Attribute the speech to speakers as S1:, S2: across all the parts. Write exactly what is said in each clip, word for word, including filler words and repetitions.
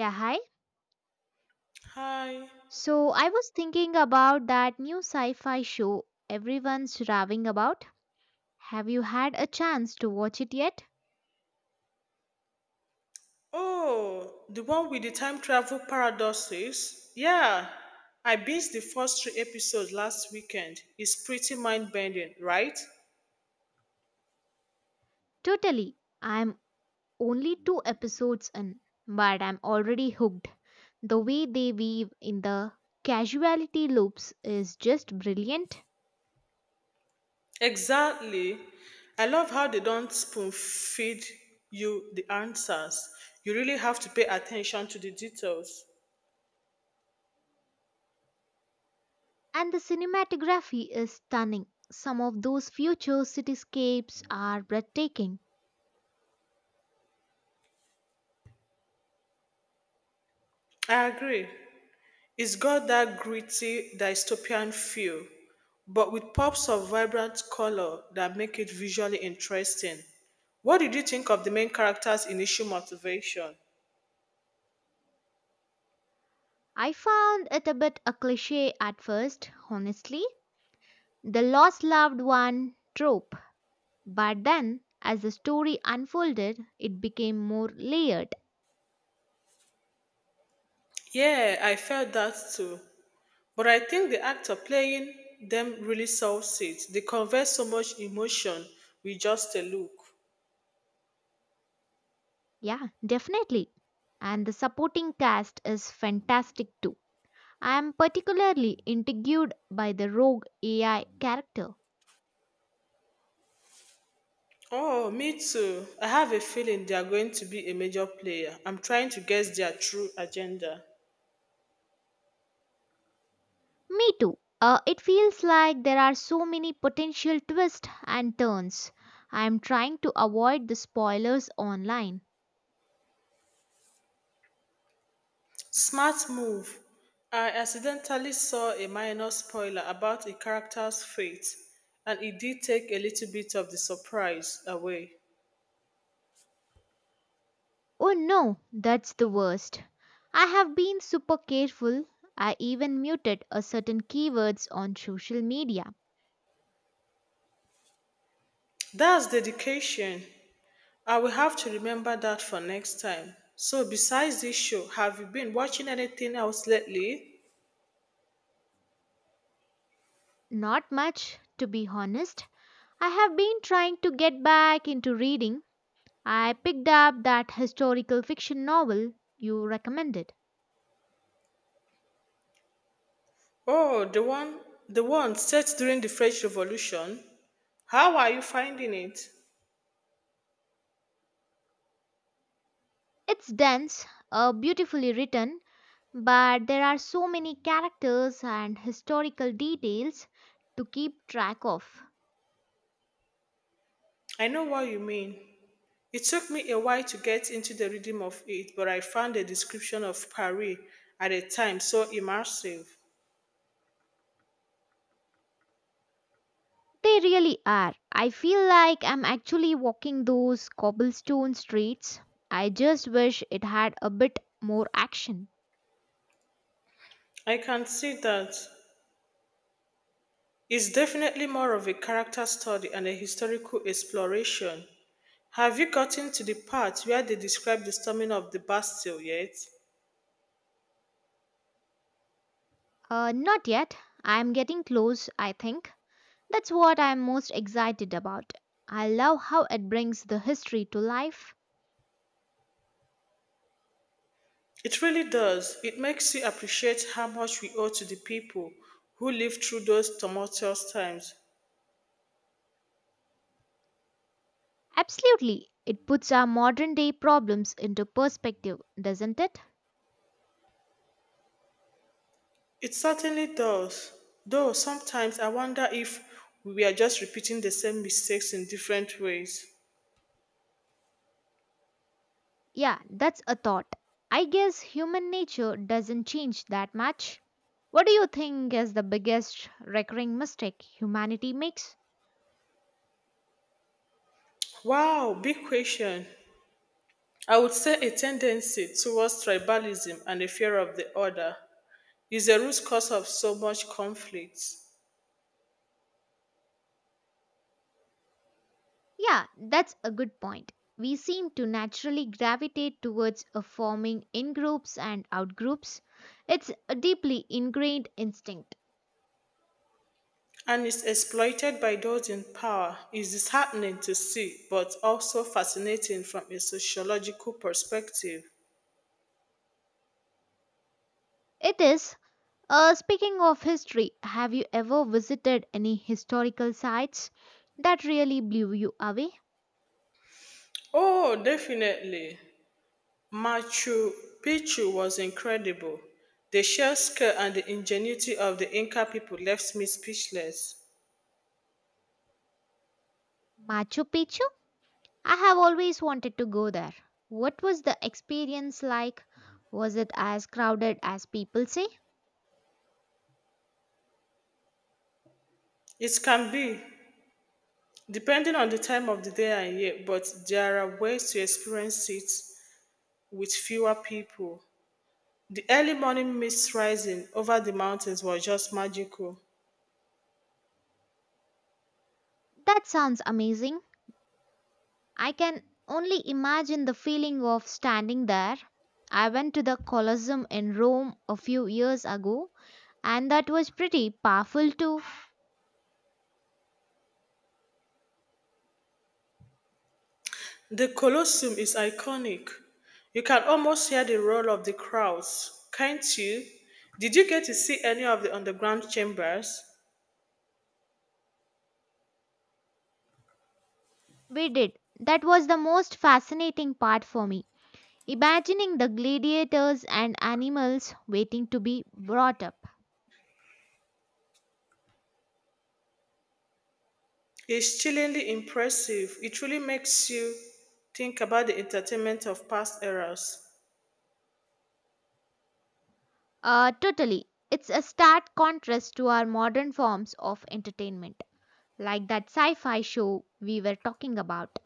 S1: Yeah, hi.
S2: Hi.
S1: So I was thinking about that new sci fi show everyone's raving about. Have you had a chance to watch it yet?
S2: Oh, the one with the time travel paradoxes? Yeah. I binged the first three episodes last weekend. It's pretty mind bending, right?
S1: Totally. I'm only two episodes in, but I'm already hooked. The way they weave in the casuality loops is just brilliant,
S2: Exactly. I love how they don't spoon feed you the answers. You really have to pay attention to the details.
S1: and the cinematography is stunning. Some of those future cityscapes are breathtaking.
S2: I agree. It's got that gritty dystopian feel, but with pops of vibrant color that make it visually interesting. What did you think of the main character's initial motivation?
S1: I found it a bit a cliche at first, honestly the lost loved one trope. But then, as the story unfolded, it became more layered.
S2: Yeah, I felt that too. But I think the actor playing them really sells it. They convey so much emotion with just a look.
S1: Yeah, definitely. And the supporting cast is fantastic too. I am particularly intrigued by the rogue A I character.
S2: Oh, me too. I have a feeling they are going to be a major player. I'm trying to guess their true agenda.
S1: Me too. Uh, it feels like there are so many potential twists and turns. I am trying to avoid the spoilers online.
S2: Smart move. I accidentally saw a minor spoiler about a character's fate, and it did take a little bit of the surprise away.
S1: Oh no, that's the worst. I have been super careful. I even muted a certain keywords on social media.
S2: That's dedication. I will have to remember that for next time. So, besides this show, have you been watching anything else lately?
S1: Not much, to be honest. I have been trying to get back into reading. I picked up that historical fiction novel you recommended.
S2: Oh, the one, the one set during the French Revolution. How are you finding it?
S1: It's dense, uh, beautifully written, but there are so many characters and historical details to keep track of.
S2: I know what you mean. It took me a while to get into the rhythm of it, but I found the description of Paris at the time so immersive.
S1: They really are. I feel like I'm actually walking those cobblestone streets. I just wish it had a bit more action.
S2: I can see that it's definitely more of a character study and a historical exploration. Have you gotten to the part where they describe the storming of the Bastille yet?
S1: Uh, not yet. I'm getting close, I think. That's what I'm most excited about. I love how it brings the history to life.
S2: It really does. It makes you appreciate how much we owe to the people who lived through those tumultuous times.
S1: Absolutely. It puts our modern day problems into perspective, doesn't it?
S2: It certainly does. Though sometimes I wonder if we are just repeating the same mistakes in different ways.
S1: Yeah, that's a thought. I guess human nature doesn't change that much. What do you think is the biggest recurring mistake humanity makes?
S2: Wow, big question. I would say a tendency towards tribalism and a fear of the other is the root cause of so much conflict
S1: Yeah, that's a good point. We seem to naturally gravitate towards a forming in groups and out groups. It's a deeply ingrained instinct.
S2: and is exploited by those in power. It's disheartening to see, but also fascinating from a sociological perspective.
S1: It is. Uh, speaking of history, have you ever visited any historical sites that really blew you away?
S2: Oh, definitely. Machu Picchu was incredible. The sheer scale and the ingenuity of the Inca people left me speechless.
S1: Machu Picchu? I have always wanted to go there. What was the experience like? Was it as crowded as people say?
S2: It can be, depending on the time of the day and year, but there are ways to experience it with fewer people. The early morning mist rising over the mountains was just magical.
S1: That sounds amazing. I can only imagine the feeling of standing there. I went to the Colosseum in Rome a few years ago, and that was pretty powerful too.
S2: The Colosseum is iconic. You can almost hear the roar of the crowds, can't you? Did you get to see any of the underground chambers?
S1: We did. That was the most fascinating part for me. Imagining the gladiators and animals waiting to be brought up.
S2: Is chillingly impressive. It really makes you think about the entertainment of past eras.
S1: Uh, totally. It's a stark contrast to our modern forms of entertainment, like that sci fi show we were talking about.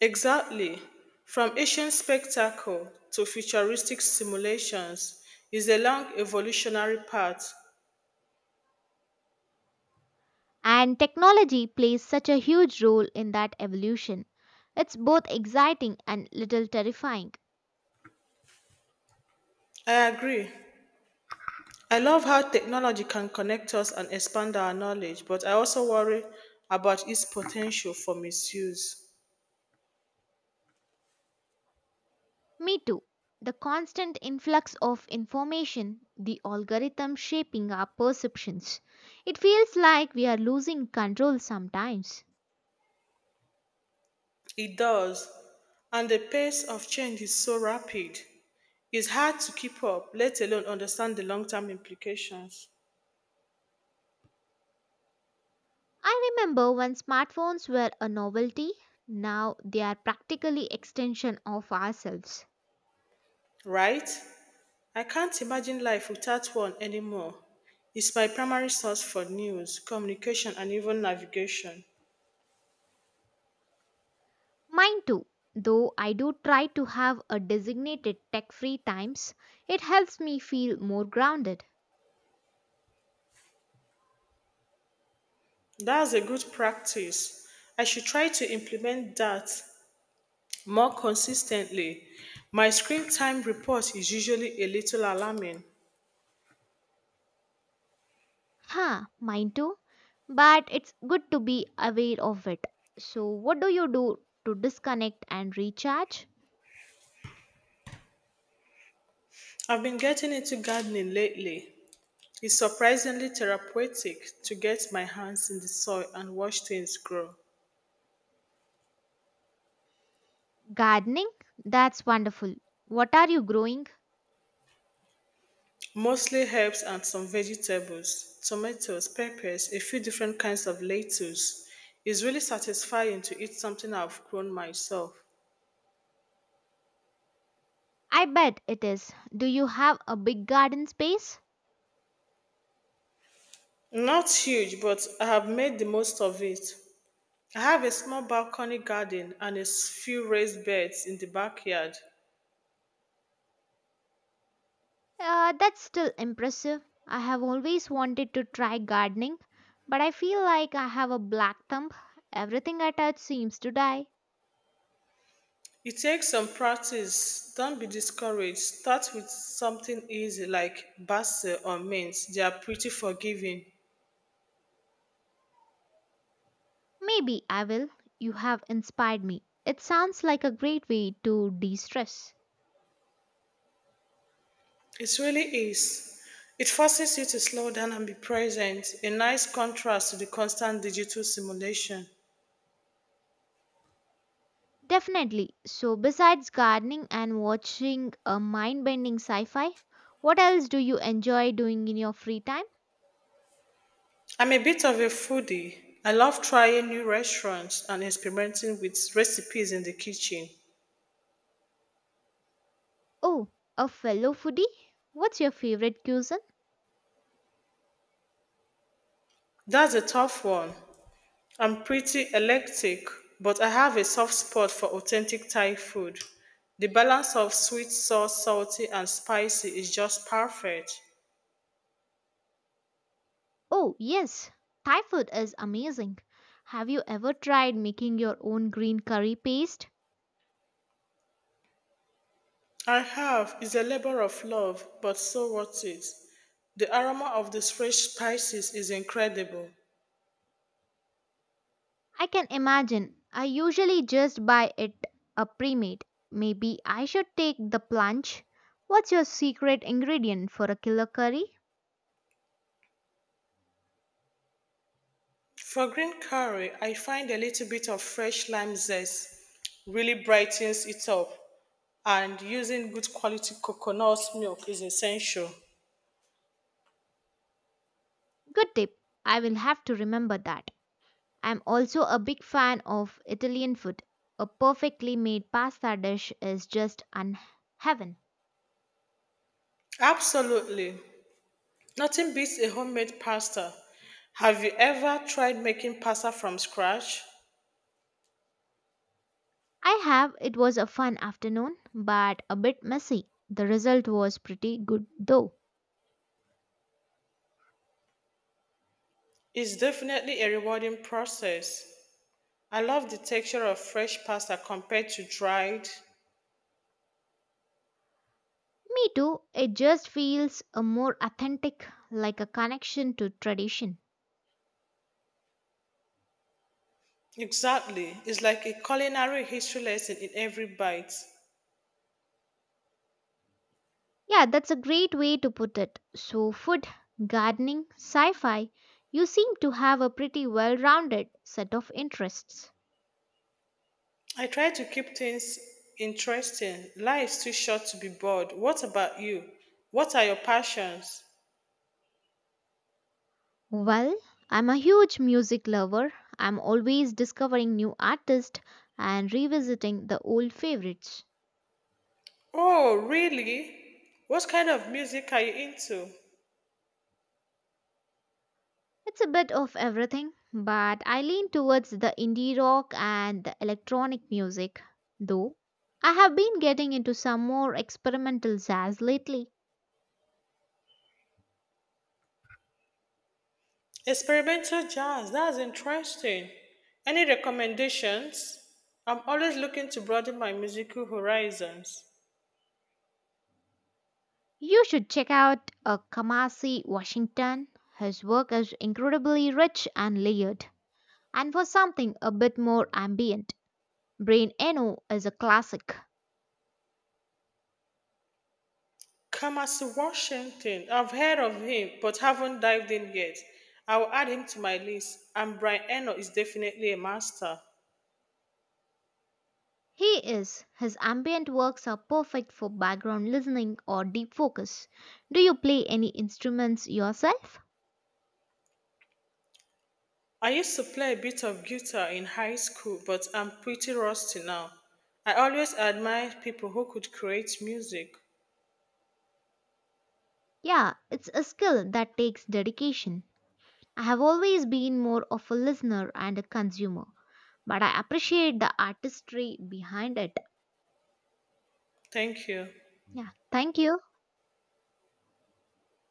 S2: Exactly. From ancient spectacle to futuristic simulations is a long evolutionary path.
S1: And technology plays such a huge role in that evolution. It's both exciting and little terrifying.
S2: I agree. I love how technology can connect us and expand our knowledge, but I also worry about its potential for misuse.
S1: Me too. The constant influx of information, the algorithm shaping our perceptions. It feels like we are losing control sometimes.
S2: It does. And the pace of change is so rapid. It's hard to keep up, let alone understand the long term implications.
S1: I remember when smartphones were a novelty, now they are practically extension of ourselves.
S2: Right? I can't imagine life without one anymore. It's my primary source for news, communication, and even navigation.
S1: Mine too. Though I do try to have a designated tech-free times, it helps me feel more grounded.
S2: That's a good practice. I should try to implement that more consistently. My screen time report is usually a little alarming.
S1: Huh, mine too. But it's good to be aware of it. So what do you do to disconnect and recharge?
S2: I've been getting into gardening lately. It's surprisingly therapeutic to get my hands in the soil and watch things grow.
S1: Gardening? That's wonderful. What are you growing?
S2: Mostly herbs and some vegetables, tomatoes, peppers, a few different kinds of lettuce. It's really satisfying to eat something I've grown myself.
S1: I bet it is. Do you have a big garden space?
S2: Not huge, but I have made the most of it. I have a small balcony garden and a s- few raised beds in the backyard.
S1: Uh, that's still impressive. I have always wanted to try gardening, but I feel like I have a black thumb. Everything I touch seems to die.
S2: It takes some practice. Don't be discouraged. Start with something easy like basil or mint. They are pretty forgiving.
S1: Maybe I will. You have inspired me. It sounds like a great way to de stress.
S2: It really is. It forces you to slow down and be present, a nice contrast to the constant digital simulation.
S1: Definitely. So, besides gardening and watching a mind bending sci fi, what else do you enjoy doing in your free time?
S2: I'm a bit of a foodie. I love trying new restaurants and experimenting with recipes in the kitchen.
S1: Oh, a fellow foodie? What's your favorite cuisine?
S2: That's a tough one. I'm pretty eclectic, but I have a soft spot for authentic Thai food. The balance of sweet, sour, salty, and spicy is just perfect.
S1: Oh, yes, Thai food is amazing. Have you ever tried making your own green curry paste?
S2: I have is a labor of love, but so worth it. The aroma of these fresh spices is incredible.
S1: I can imagine. I usually just buy it a pre-made. Maybe I should take the plunge. What's your secret ingredient for a killer curry?
S2: For green curry, I find a little bit of fresh lime zest really brightens it up, and using good quality coconut milk is essential.
S1: Good tip. I will have to remember that. I'm also a big fan of Italian food. A perfectly made pasta dish is just un- heaven.
S2: Absolutely. Nothing beats a homemade pasta. Have you ever tried making pasta from scratch?
S1: I have. It was a fun afternoon, but a bit messy. The result was pretty good though.
S2: It's definitely a rewarding process. I love the texture of fresh pasta compared to dried.
S1: Me too. It just feels a more authentic, like a connection to tradition.
S2: Exactly. It's like a culinary history lesson in every bite.
S1: Yeah, that's a great way to put it. So, food, gardening, sci fi, you seem to have a pretty well rounded set of interests.
S2: I try to keep things interesting. Life's too short to be bored. What about you? What are your passions?
S1: Well, I'm a huge music lover. I'm always discovering new artists and revisiting the old favorites.
S2: Oh, really? What kind of music are you into?
S1: It's a bit of everything, but I lean towards the indie rock and the electronic music, though. I have been getting into some more experimental jazz lately.
S2: Experimental jazz, that's interesting. Any recommendations? I'm always looking to broaden my musical horizons.
S1: You should check out uh, Kamasi Washington. His work is incredibly rich and layered. And for something a bit more ambient, Brain Eno is a classic.
S2: Kamasi Washington, I've heard of him but haven't dived in yet. I will add him to my list, and Brian Eno is definitely a master.
S1: He is. His ambient works are perfect for background listening or deep focus. Do you play any instruments yourself?
S2: I used to play a bit of guitar in high school, but I'm pretty rusty now. I always admire people who could create music.
S1: Yeah, it's a skill that takes dedication. I have always been more of a listener and a consumer, but I appreciate the artistry behind it.
S2: Thank you.
S1: Yeah, thank you.